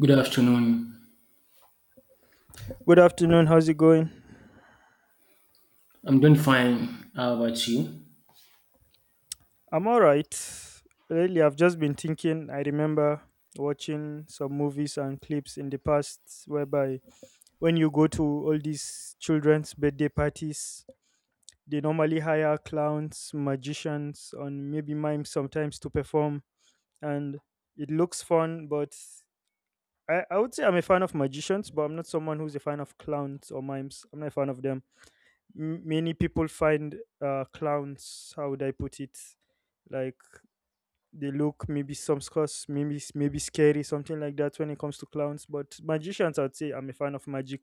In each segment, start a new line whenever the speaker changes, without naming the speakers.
Good afternoon.
Good afternoon. How's it going?
I'm doing fine. How about you?
I'm all right. Lately, I've just been thinking. I remember watching some movies and clips in the past whereby when you go to all these children's birthday parties, they normally hire clowns, magicians, and maybe mimes sometimes to perform. And it looks fun, but I would say I'm a fan of magicians, but I'm not someone who's a fan of clowns or mimes. I'm not a fan of them. Many people find clowns, how would I put it? Like, they look maybe some scores, maybe, scary, something like that when it comes to clowns. But magicians, I'd say I'm a fan of magic.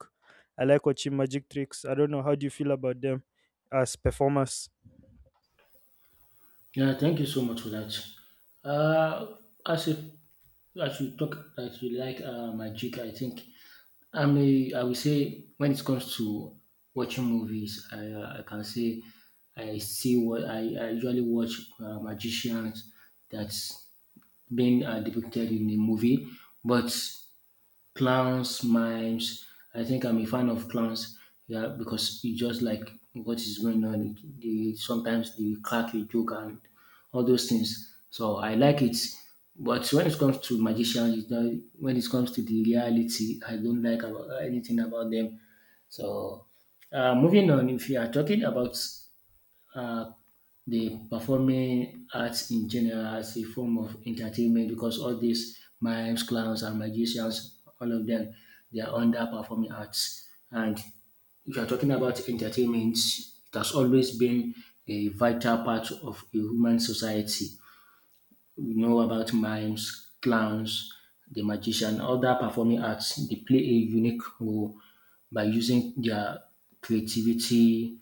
I like watching magic tricks. I don't know, how do you feel about them as performers?
Yeah, thank you so much for that. Uh, as if as you talk that you like magic, I think I will say when it comes to watching movies, I can say I see what I usually watch magicians that's been depicted in the movie, but clowns, mimes. I think I'm a fan of clowns. Yeah, because you just like what is going on. They sometimes they crack a joke and all those things. So I like it. But when it comes to magicians, you know, when it comes to the reality, I don't like about anything about them. So moving on, if you are talking about uh, the performing arts in general as a form of entertainment, because all these mimes, clowns, and magicians, all of them, they are under performing arts. And if you are talking about entertainment, it has always been a vital part of a human society. We know about mimes, clowns, the magician, other performing arts. They play a unique role by using their creativity,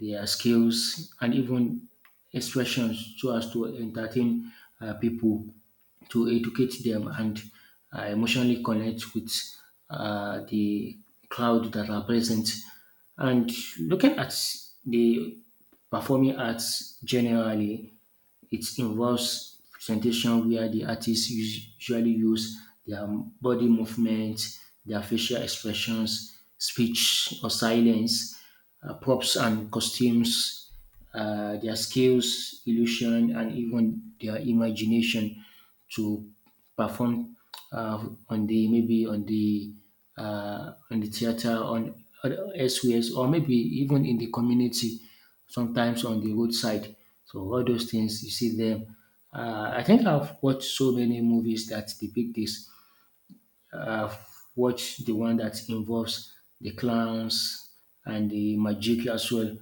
their skills, and even expressions so as to entertain people, to educate them, and emotionally connect with the crowd that are present. And looking at the performing arts generally, it involves presentation where the artists usually use their body movements, their facial expressions, speech or silence, props and costumes, their skills, illusion, and even their imagination to perform uh, on the maybe on the theater on elsewhere or maybe even in the community, sometimes on the roadside. So all those things you see them. I think I've watched so many movies that depict this. I've watched the one that involves the clowns and the magic as well.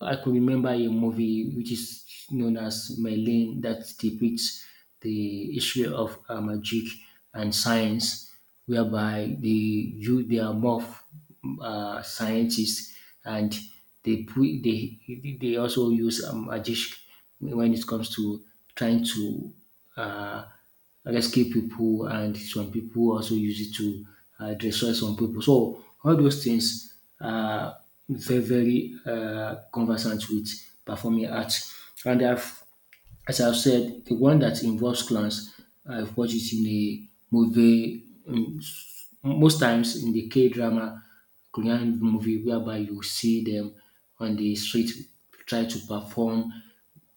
I could remember a movie which is known as Merlin that depicts the issue of magic and science, whereby the you they are more scientists, and they they also use magic when it comes to trying to uh, rescue people, and some people also use it to destroy some people. So all those things are very, very conversant with performing arts. And I've, as I've said, the one that involves clans, I've watched it in a movie, most times in the K drama, Korean movie, whereby you see them on the street try to perform.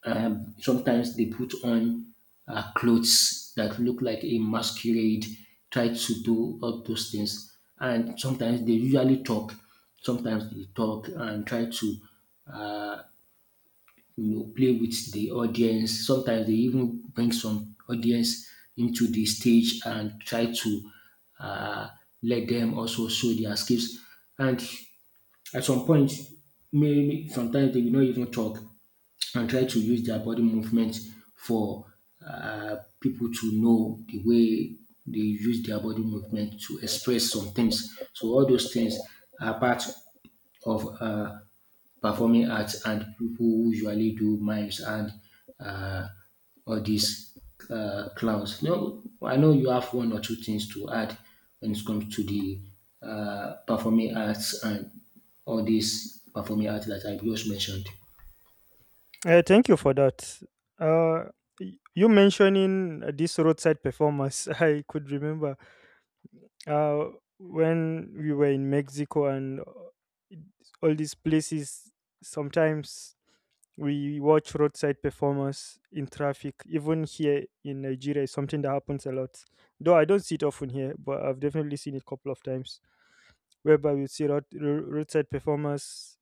Sometimes they put on clothes that look like a masquerade, try to do all those things. And sometimes they usually talk. Sometimes they talk and try to, you know, play with the audience. Sometimes they even bring some audience into the stage and try to uh, let them also show their skills. And at some point, maybe sometimes they will not even talk and try to use their body movement for people to know the way they use their body movement to express some things. So all those things are part of performing arts, and people usually do mimes and uh, all these clowns. No, I know you have one or two things to add when it comes to the performing arts and all these performing arts that I just mentioned.
Thank you for that. uh you mentioning these roadside performers, I could remember uh when we were in Mexico and all these places, sometimes we watch roadside performers in traffic. Even here in Nigeria, it's something that happens a lot, though I don't see it often here, but I've definitely seen it a couple of times, whereby we see roadside performers.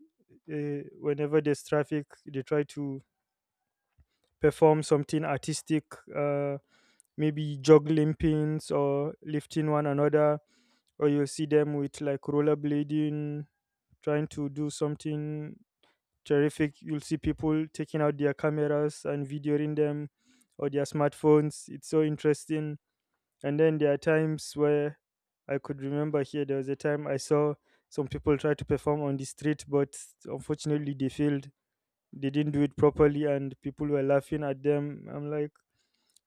Whenever there's traffic, they try to perform something artistic, uh, maybe juggling pins or lifting one another, or you'll see them with like rollerblading, trying to do something terrific. You'll see people taking out their cameras and videoing them, or their smartphones. It's so interesting. And then there are times where I could remember here there was a time I saw some people try to perform on the street, but unfortunately they failed. They didn't do it properly, and people were laughing at them. I'm like,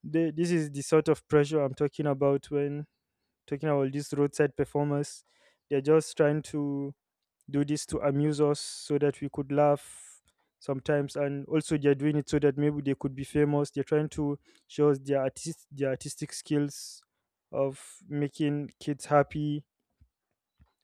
they, this is the sort of pressure I'm talking about when talking about these roadside performers. They're just trying to do this to amuse us so that we could laugh sometimes, and also they're doing it so that maybe they could be famous. They're trying to show us their artist, their artistic skills of making kids happy,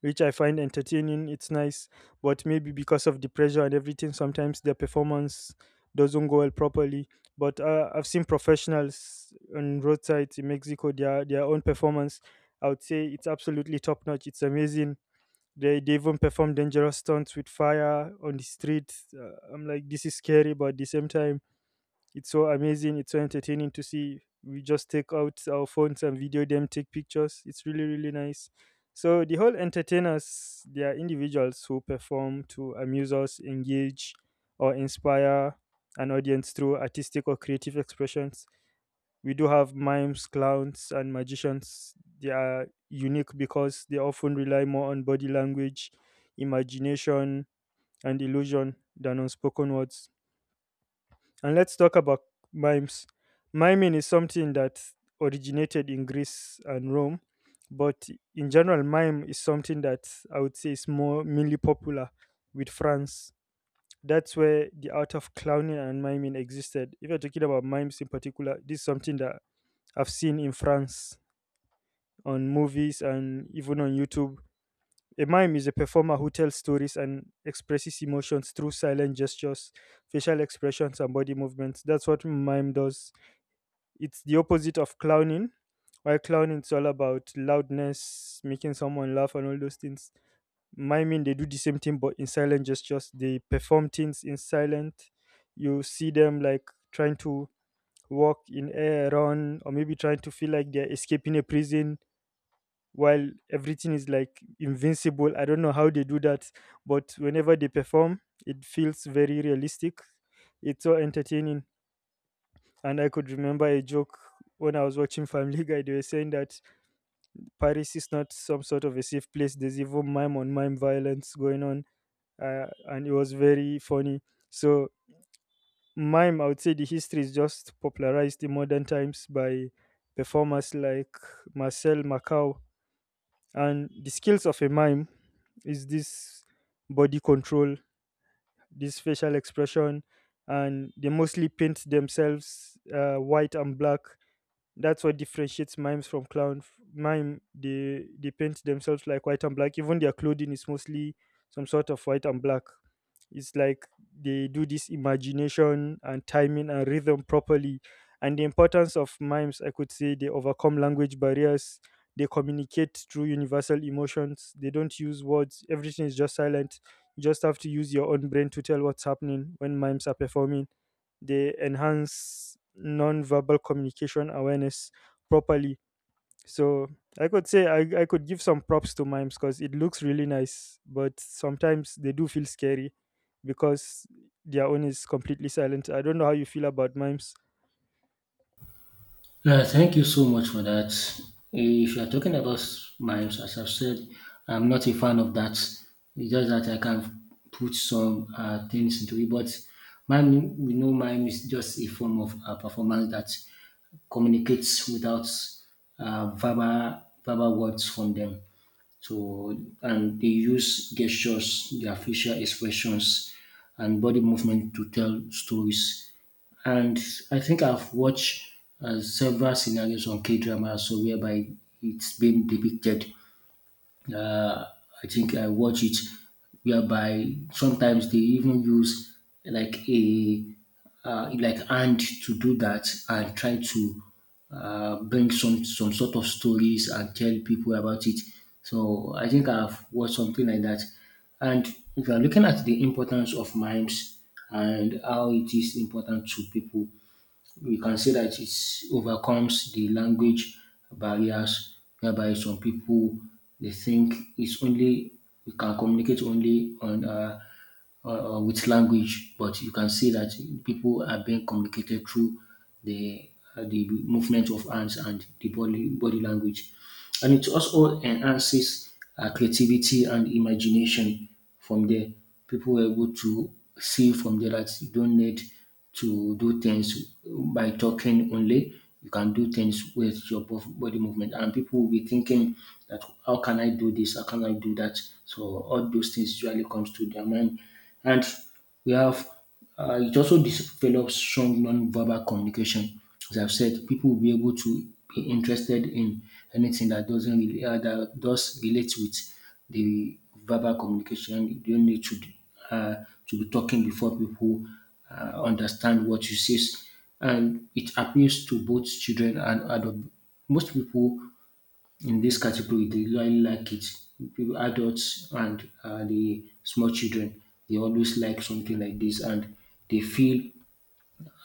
which I find entertaining. It's nice, but maybe because of the pressure and everything, sometimes their performance doesn't go well properly. But I've seen professionals on roadsides in Mexico, their own performance, I would say it's absolutely top notch. It's amazing. They even perform dangerous stunts with fire on the street. I'm like, this is scary, but at the same time, it's so amazing. It's so entertaining to see. We just take out our phones and video them, take pictures. It's really, really nice. So the whole entertainers, they are individuals who perform to amuse us, engage, or inspire an audience through artistic or creative expressions. We do have mimes, clowns, and magicians. They are unique because they often rely more on body language, imagination, and illusion than on spoken words. And let's talk about mimes. Miming is something that originated in Greece and Rome, but in general, mime is something that I would say is more mainly popular with France. That's where the art of clowning and miming existed. If you're talking about mimes in particular, this is something that I've seen in France on movies and even on YouTube. A mime is a performer who tells stories and expresses emotions through silent gestures, facial expressions, and body movements. That's what mime does. It's the opposite of clowning. While clowning is all about loudness, making someone laugh, and all those things, miming, they do the same thing but in silent gestures. They perform things in silent. You see them like trying to walk in air, run, or maybe trying to feel like they're escaping a prison while everything is like invincible. I don't know how they do that, but whenever they perform, it feels very realistic. It's so entertaining. And I could remember a joke when I was watching Family Guy. They were saying that Paris is not some sort of a safe place. There's even mime on mime violence going on, and it was very funny. So mime, I would say, the history is just popularized in modern times by performers like Marcel Macau, and the skills of a mime is this body control, this facial expression, and they mostly paint themselves white and black. That's what differentiates mimes from clown. Mime, they paint themselves like white and black. Even their clothing is mostly some sort of white and black. It's like they do this imagination and timing and rhythm properly. And the importance of mimes, I could say, they overcome language barriers. They communicate through universal emotions. They don't use words. Everything is just silent. You just have to use your own brain to tell what's happening when mimes are performing. They enhance non-verbal communication awareness properly. So I could say I could give some props to mimes because it looks really nice, but sometimes they do feel scary because their own is completely silent. I don't know how you feel about mimes.
Yeah, thank you so much for that. If you're talking about mimes, as I've said, I'm not a fan of that. It's just that I can put some things into it. But mime, we know mime is just a form of performance that communicates without verbal words from them. So, and they use gestures, their facial expressions, and body movement to tell stories. And I think I've watched several scenarios on K drama, so whereby it's been depicted. uh, I think I watch it whereby sometimes they even use like a like hand to do that and try to bring some sort of stories and tell people about it. So I think I've watched something like that. And if you are looking at the importance of mimes and how it is important to people, we can say that it overcomes the language barriers, whereby some people they think it's only we can communicate only on uh, with language, but you can see that people are being communicated through the the movement of hands and the body language, and it also enhances creativity and imagination from there. People were able to see from there that you don't need to do things by talking only. You can do things with your body movement, and people will be thinking that how can I do this? How can I do that? So all those things usually comes to their mind, and we have it also develops strong non-verbal communication. As I've said, people will be able to be interested in anything that doesn't really, that does relate with the verbal communication. You don't need to be talking before people understand what you say, and it appeals to both children and adults. Most people in this category, they really like it. People, adults and the small children, they always like something like this, and they feel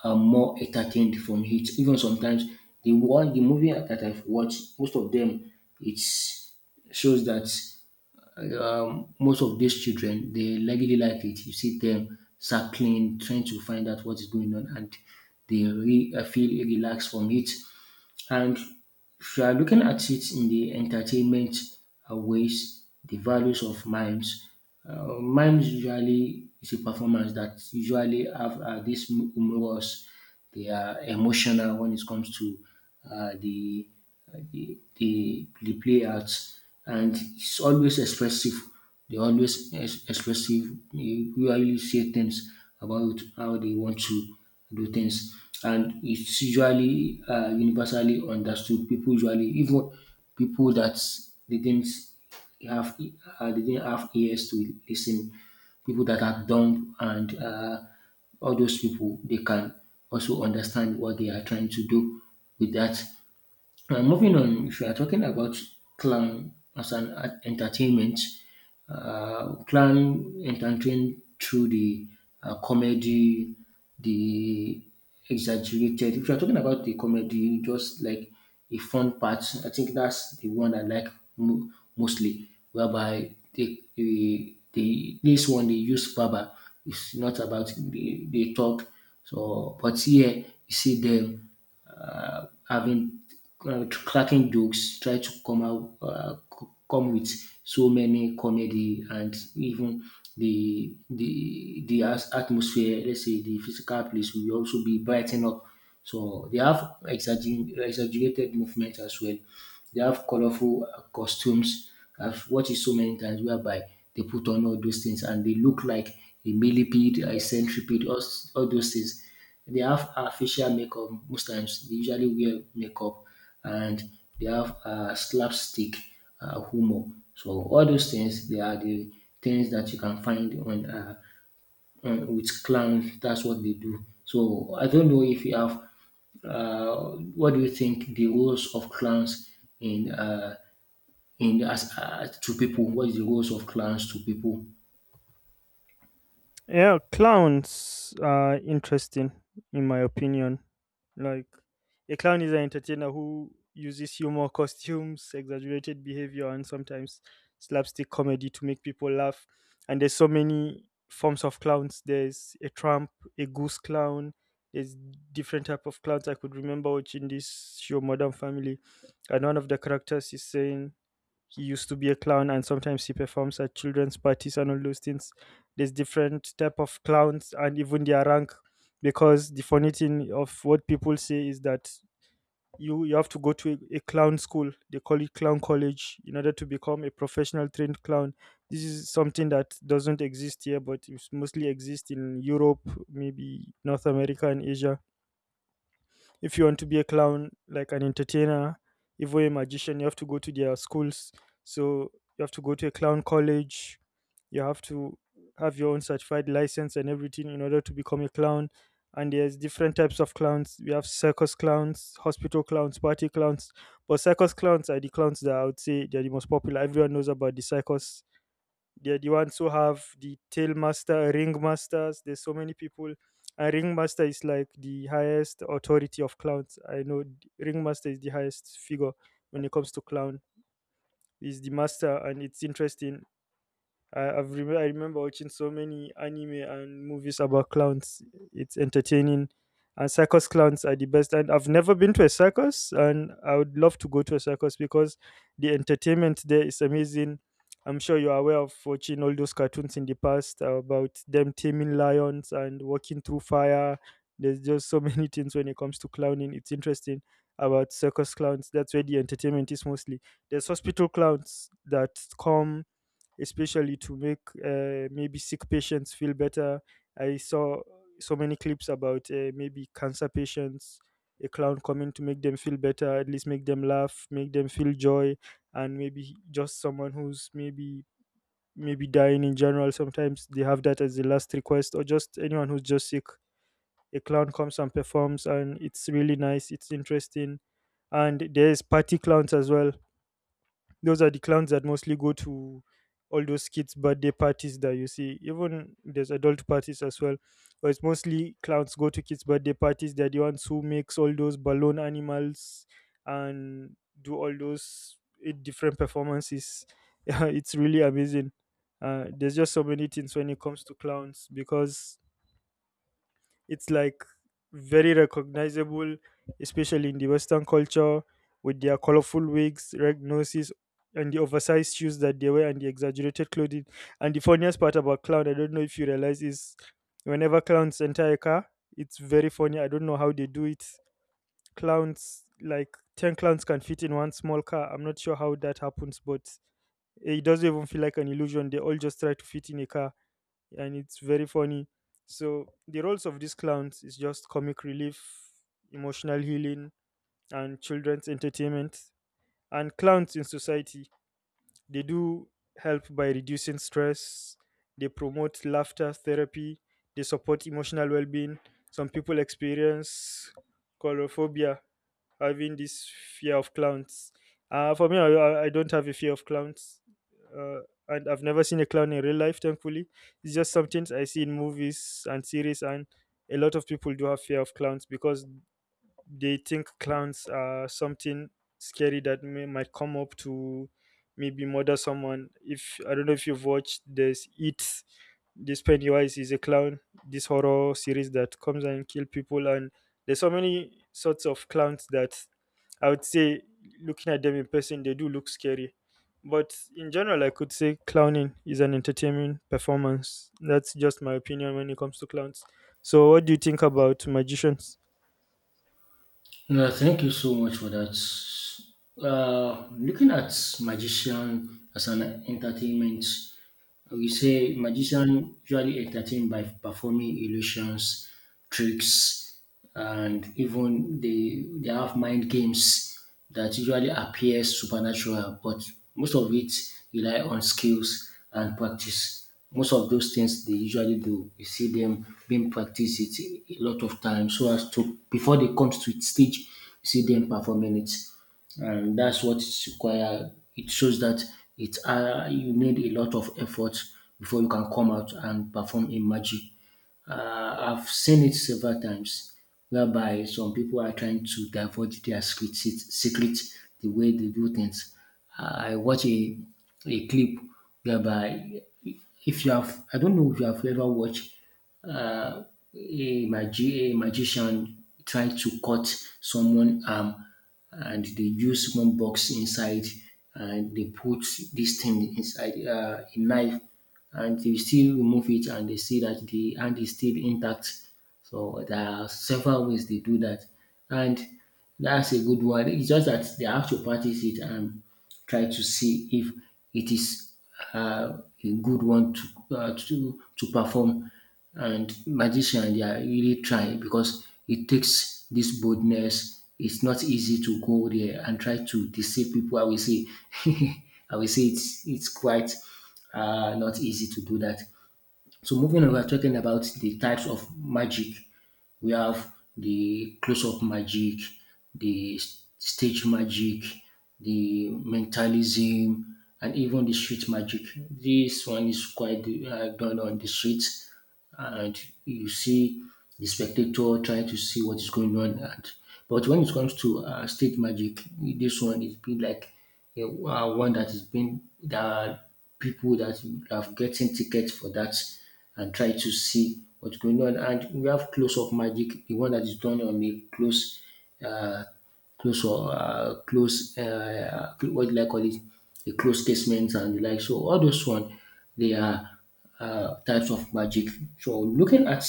more entertained from it. Even sometimes, the one the movie that I've watched, most of them, it shows that most of these children they really like it. You see them circling, trying to find out what is going on, and they feel relaxed from it. And if you are looking at it in the entertainment ways, the values of mimes, mimes usually is a performance that usually have this humorous, they are emotional when it comes to uh, the, the the play arts, and it's always expressive. They always expressive. They usually say things about how they want to do things. And it's usually universally understood. People usually, even people that they didn't have they didn't have ears to listen, people that are dumb and all those people they can also understand what they are trying to do with that. Moving on, if you are talking about clan as an entertainment, clan entertain through the comedy, the exaggerated. If you are talking about the comedy, just like a fun part, I think that's the one I like mo- mostly. Whereby they this one they use baba. It's not about they talk. So, but here you see them having cracking jokes, try to come out, come with so many comedy and even the atmosphere. Let's say the physical place will also be brightened up. So they have exaggerated movement as well. They have colorful costumes. I've watched it so many times whereby they put on all those things and they look like a millipede, a centipede, all those things. They have facial makeup most times. They usually wear makeup, and they have slapstick humor. So all those things, they are the things that you can find on with clowns. That's what they do. So I don't know if you have. What do you think the roles of clowns in uh, in as to people? What is the roles of clowns to people?
Yeah, clowns are interesting, in my opinion. Like, a clown is an entertainer who uses humor, costumes, exaggerated behavior, and sometimes slapstick comedy to make people laugh. And there's so many forms of clowns. There's a tramp, a goose clown. There's different type of clowns. I could remember watching this show, Modern Family, and one of the characters is saying he used to be a clown and sometimes he performs at children's parties and all those things. There's different type of clowns and even their rank, because the funny thing of what people say is that you have to go to a clown school. They call it clown college in order to become a professional trained clown. This is something that doesn't exist here, but it's mostly exist in Europe, maybe North America and Asia. If you want to be a clown, like an entertainer, even a magician, you have to go to their schools. So you have to go to a clown college. You have to have your own certified license and everything in order to become a clown. And there's different types of clowns. We have circus clowns, hospital clowns, party clowns. But circus clowns are the clowns that I would say they're the most popular. Everyone knows about the circus. They're the ones who have the tail master, ring masters. There's so many people. And ring master is like the highest authority of clowns. I know ring master is the highest figure when it comes to clown. He's the master, and it's interesting. I remember watching so many anime and movies about clowns. It's entertaining, and circus clowns are the best. And I've never been to a circus, and I would love to go to a circus because the entertainment there is amazing. I'm sure you're aware of watching all those cartoons in the past about them taming lions and walking through fire. There's just so many things when it comes to clowning. It's interesting about circus clowns. That's where the entertainment is mostly. There's hospital clowns that come especially to make maybe sick patients feel better. I saw so many clips about maybe cancer patients, a clown coming to make them feel better, at least make them laugh, make them feel joy, and maybe just someone who's maybe, dying in general. Sometimes they have that as the last request, or just anyone who's just sick. A clown comes and performs, and it's really nice. It's interesting. And there's party clowns as well. Those are the clowns that mostly go to all those kids' birthday parties that you see. Even there's adult parties as well. But it's mostly clowns go to kids' birthday parties. They're the ones who makes all those balloon animals and do all those different performances. Yeah, it's really amazing. There's just so many things when it comes to clowns because it's like very recognizable, especially in the Western culture, with their colorful wigs, red noses, and the oversized shoes that they wear, and the exaggerated clothing. And the funniest part about clown, I don't know if you realize, is whenever clowns enter a car, it's very funny. I don't know how they do it. Clowns, like 10 clowns can fit in one small car. I'm not sure how that happens, but it doesn't even feel like an illusion. They all just try to fit in a car, and it's very funny. So the roles of these clowns is just comic relief, emotional healing, and children's entertainment. And clowns in society, they do help by reducing stress. They promote laughter therapy. They support emotional well-being. Some people experience chorophobia, having this fear of clowns. For me, I don't have a fear of clowns, uh, and I've never seen a clown in real life. Thankfully, it's just something I see in movies and series, and a lot of people do have fear of clowns because they think clowns are something scary that might come up to maybe murder someone. If I don't know if you've watched this. This Pennywise is a clown, this horror series that comes and kill people, and there's so many sorts of clowns that I would say looking at them in person, they do look scary. But in general, I could say clowning is an entertainment performance. That's just my opinion when it comes to clowns. So, what do you think about magicians?
No, thank you so much for that. Looking at magician as an entertainment, we say magician usually entertain by performing illusions, tricks, and even they have mind games that usually appear supernatural, but most of it rely on skills and practice. Most of those things they usually do, you see them being practiced it a lot of times so as to before they come to stage, you see them performing it, and that's what is required. It shows that it you need a lot of effort before you can come out and perform a magic. I've seen it several times, whereby some people are trying to divulge their secret, the way they do things. I watch a clip whereby if you have, I don't know if you have ever watched uh, a magician tried to cut someone arm, and they used one box inside, and they put this thing inside a knife, and they still remove it and they see that the hand is still intact. So there are several ways they do that. And that's a good one. It's just that they have to practice it and try to see if it is a good one to, to perform. And magician, they are really trying because it takes this boldness. It's not easy to go there and try to deceive people. I will say, I will say it's quite not easy to do that. So moving on, we are talking about the types of magic. We have the close-up magic, the stage magic, the mentalism, and even the street magic. This one is quite done on the street, and you see the spectator trying to see what is going on. And, but when it comes to stage magic, this one is been like a, one that has been, there are people that have getting tickets for that and try to see what's going on. And we have close up magic, the one that is done on a close. Uh, Close or close, what will I call it, a close statement and the like. So all those one they are types of magic. So looking at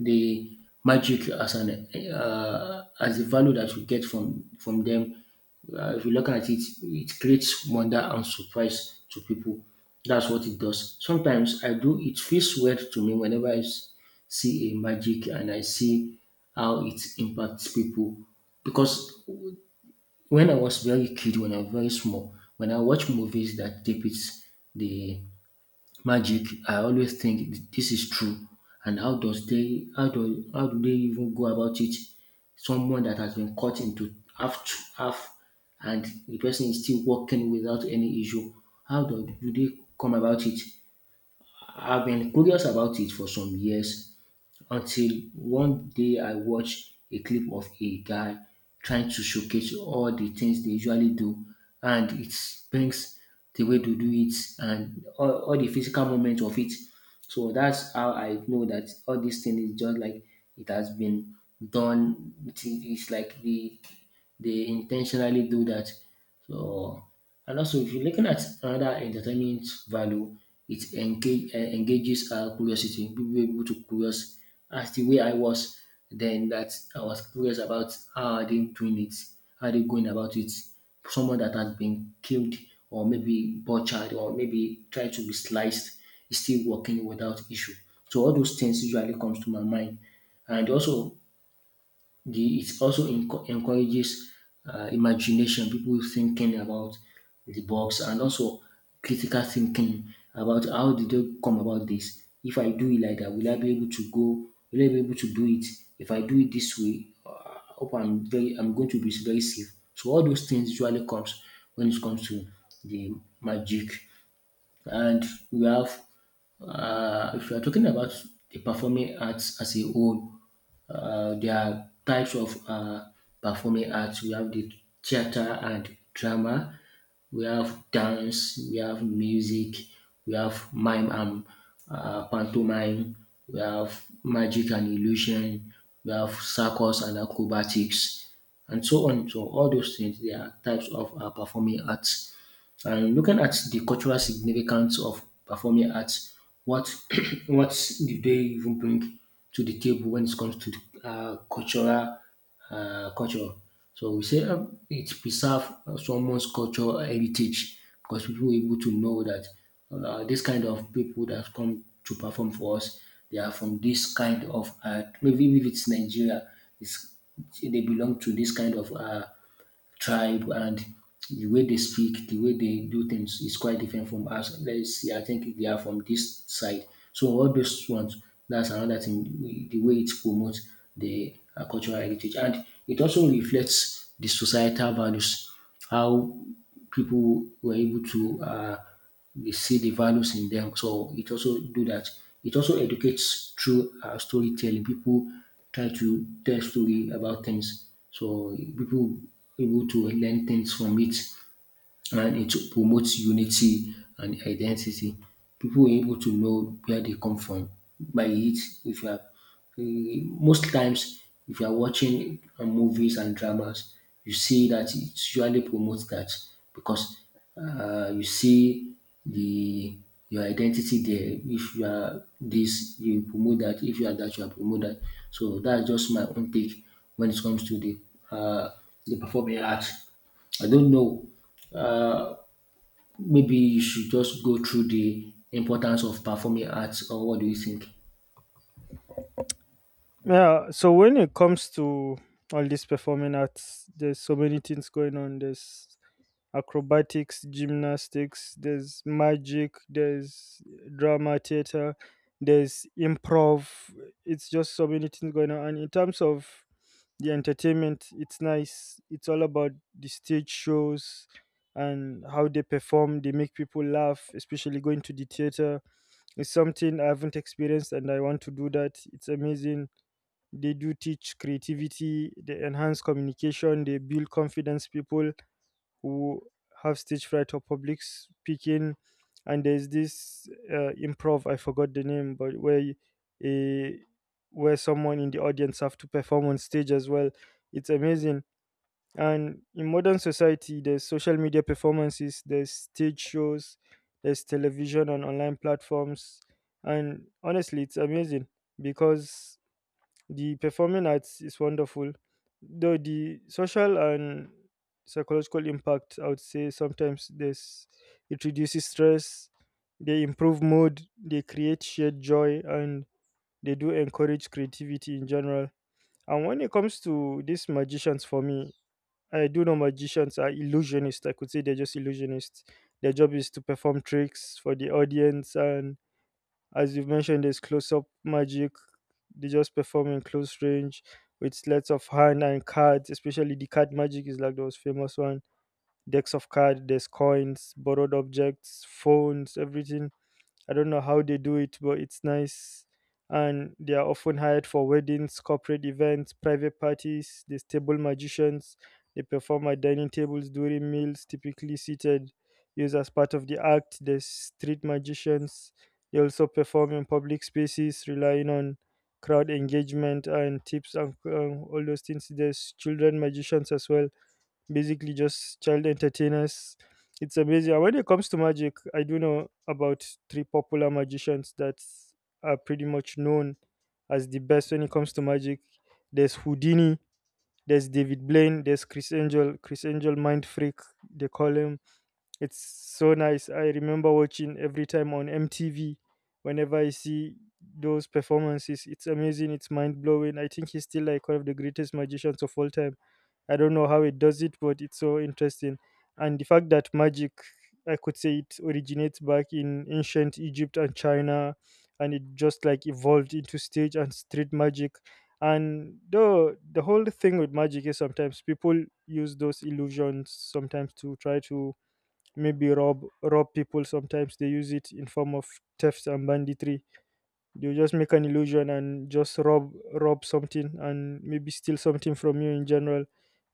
the magic as an as the value that we get from them. If you look at it, it creates wonder and surprise to people. That's what it does. Sometimes I do. It feels weird to me whenever see a magic and I see how it impacts people. Because when I was very kid, when I was very small, when I watch movies that depicts the magic, I always think this is true. And how do they even go about it? Someone that has been cut into half to half, and the person is still working without any issue. Do they come about it? I've been curious about it for some years until one day I watched a clip of a guy trying to showcase all the things they usually do, and it brings the way to do it and all the physical moments of it. So that's how I know that all these things is just like it has been done. It is it's like they intentionally do that. So, and also if you're looking at another entertainment value, it engages our curiosity. People were able to curious as the way I was then, that I was curious about how are they doing it, how are they going about it. Someone that has been killed, or maybe butchered, or maybe tried to be sliced, is still working without issue. So all those things usually comes to my mind. And also the, it also encourages imagination, people thinking about the box, and also critical thinking about how did they come about this. If I do it like that, will I be able to go? Will I be able to do it? If I do it this way, I hope I'm going to be very safe. So all those things usually comes when it comes to the magic. And we have, if you are talking about the performing arts as a whole, there are types of performing arts. We have the theater and drama. We have dance. We have music. We have mime and pantomime. We have magic and illusion. We have circus and acrobatics, and so on. So all those things they are types of performing arts. And looking at the cultural significance of performing arts, what what do they even bring to the table when it comes to the, cultural culture? So we say it preserve someone's cultural heritage, because people were able to know that this kind of people that come to perform for us, they are from this kind of art. Maybe if it's Nigeria, it's, they belong to this kind of tribe, and the way they speak, the way they do things is quite different from us. Let's see, I think they are from this side. So all those ones, that's another thing, the way it promotes the cultural heritage. And it also reflects the societal values, how people were able to We see the values in them. So it also do that. It also educates through storytelling. People try to tell story about things, so people able to learn things from it, and it promotes unity and identity. People were able to know where they come from by it. If you are most times, if you are watching movies and dramas, you see that it usually promotes that, because you see the your identity there. If you are this, you promote that. If you are that, you are promote that. So that's just my own take when it comes to um the performing arts. I don't know, maybe you should just go through the importance of performing arts, or what do you think?
Yeah, so when it comes to all these performing arts, there's so many things going on. There's acrobatics, gymnastics, there's magic, there's drama theater, there's improv. It's just so many things going on. And in terms of the entertainment, it's nice. It's all about the stage shows and how they perform. They make people laugh, especially going to the theater. It's something I haven't experienced and I want to do that. It's amazing. They do teach creativity, they enhance communication, they build confidence, people who have stage fright or public speaking. And there's this improv, I forgot the name, but where you- a where someone in the audience have to perform on stage as well. It's amazing. And in modern society, there's social media performances, there's stage shows, there's television and online platforms, and honestly, it's amazing because the performing arts is wonderful, though the social and psychological impact, I would say it reduces stress, they improve mood, they create shared joy, and they do encourage creativity in general. And when it comes to these magicians, for me, I do know magicians are illusionists. I could say they're just illusionists. Their job is to perform tricks for the audience, and as you've mentioned, there's close up magic. They just perform in close range with sleights of hand and cards, especially the card magic is like the most famous one. Decks of cards, there's coins, borrowed objects, phones, everything. I don't know how they do it, but it's nice. And they are often hired for weddings, corporate events, private parties. They stable magicians. They perform at dining tables during meals, typically seated, used as part of the act. There's street magicians. They also perform in public spaces, relying on crowd engagement and tips and all those things. There's children magicians as well, basically just child entertainers. It's amazing. And when it comes to magic, I do know about three popular magicians that are pretty much known as the best when it comes to magic. There's Houdini, there's David Blaine, there's Chris Angel, Chris Angel Mind Freak, they call him. It's so nice. I remember watching every time on MTV whenever I see those performances. It's amazing. It's mind blowing. I think he's still like one of the greatest magicians of all time. I don't know how it does it, but it's so interesting. And the fact that magic, I could say it originates back in ancient Egypt and China, and it just like evolved into stage and street magic. And though the whole thing with magic is sometimes people use those illusions sometimes to try to maybe rob people, sometimes they use it in form of thefts and banditry. They just make an illusion and just rob something and maybe steal something from you in general.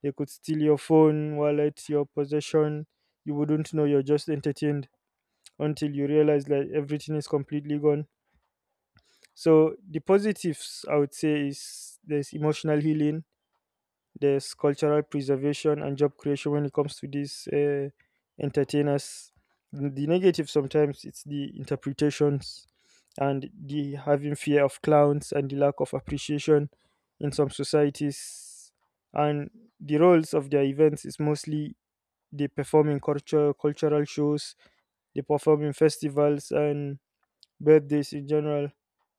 They could steal your phone, wallet, your possession. You wouldn't know, you're just entertained until you realize that everything is completely gone. So the positives, I would say, is there's emotional healing, there's cultural preservation and job creation when it comes to these entertainers. The negative, sometimes it's the interpretations and the having fear of clowns and the lack of appreciation in some societies, and the roles of their events is mostly they perform in culture cultural shows, they perform in festivals and birthdays in general.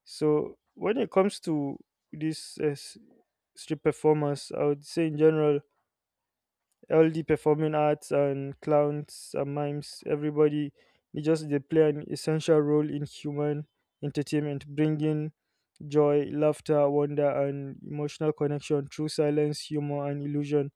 So when it comes to these street performers, I would say in general all the performing arts and clowns and mimes, everybody, they just they play an essential role in human entertainment, bringing joy, laughter, wonder, and emotional connection through silence, humor, and illusion.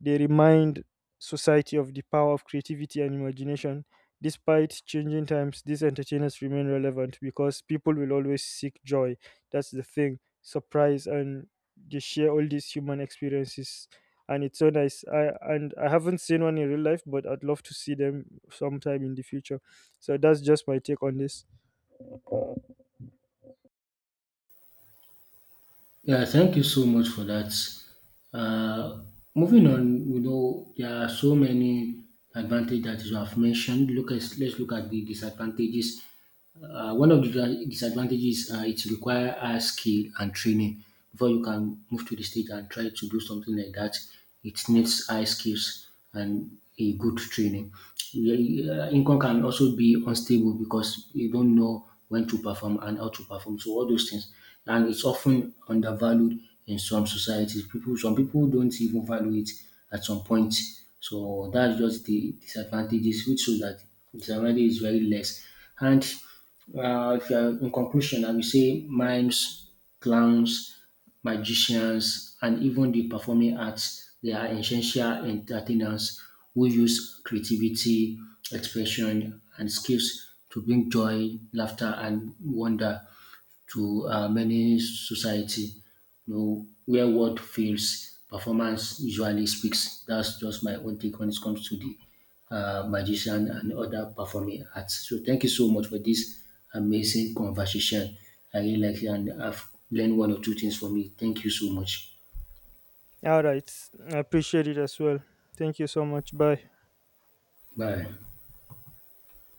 They remind society of the power of creativity and imagination. Despite changing times, these entertainers remain relevant because people will always seek joy. That's the thing. Surprise, and they share all these human experiences. And it's so nice. I haven't seen one in real life, but I'd love to see them sometime in the future. So that's just my take on this.
Yeah, thank you so much for that. Uh, moving on, you know, there are so many advantages that you have mentioned. Look at, let's look at the disadvantages. One of the disadvantages, it requires high skill and training before you can move to the stage and try to do something like that. It needs high skills and a good training. Yeah, income can also be unstable, because you don't know when to perform and how to perform. So all those things, and it's often undervalued in some societies. People, some people don't even value it at some point. So that's just the disadvantages, which shows that disadvantage is very less. And if you're in conclusion, I will say mimes, clowns, magicians, and even the performing arts, they are essential entertainers who use creativity, expression, and skills to bring joy, laughter, and wonder to many society. You know, where word fails, performance usually speaks. That's just my own take when it comes to the magician and other performing arts. So thank you so much for this amazing conversation. I really like it and I've learned one or two things from it. Thank you so much.
All right. I appreciate it as well. Thank you so much. Bye.
Bye.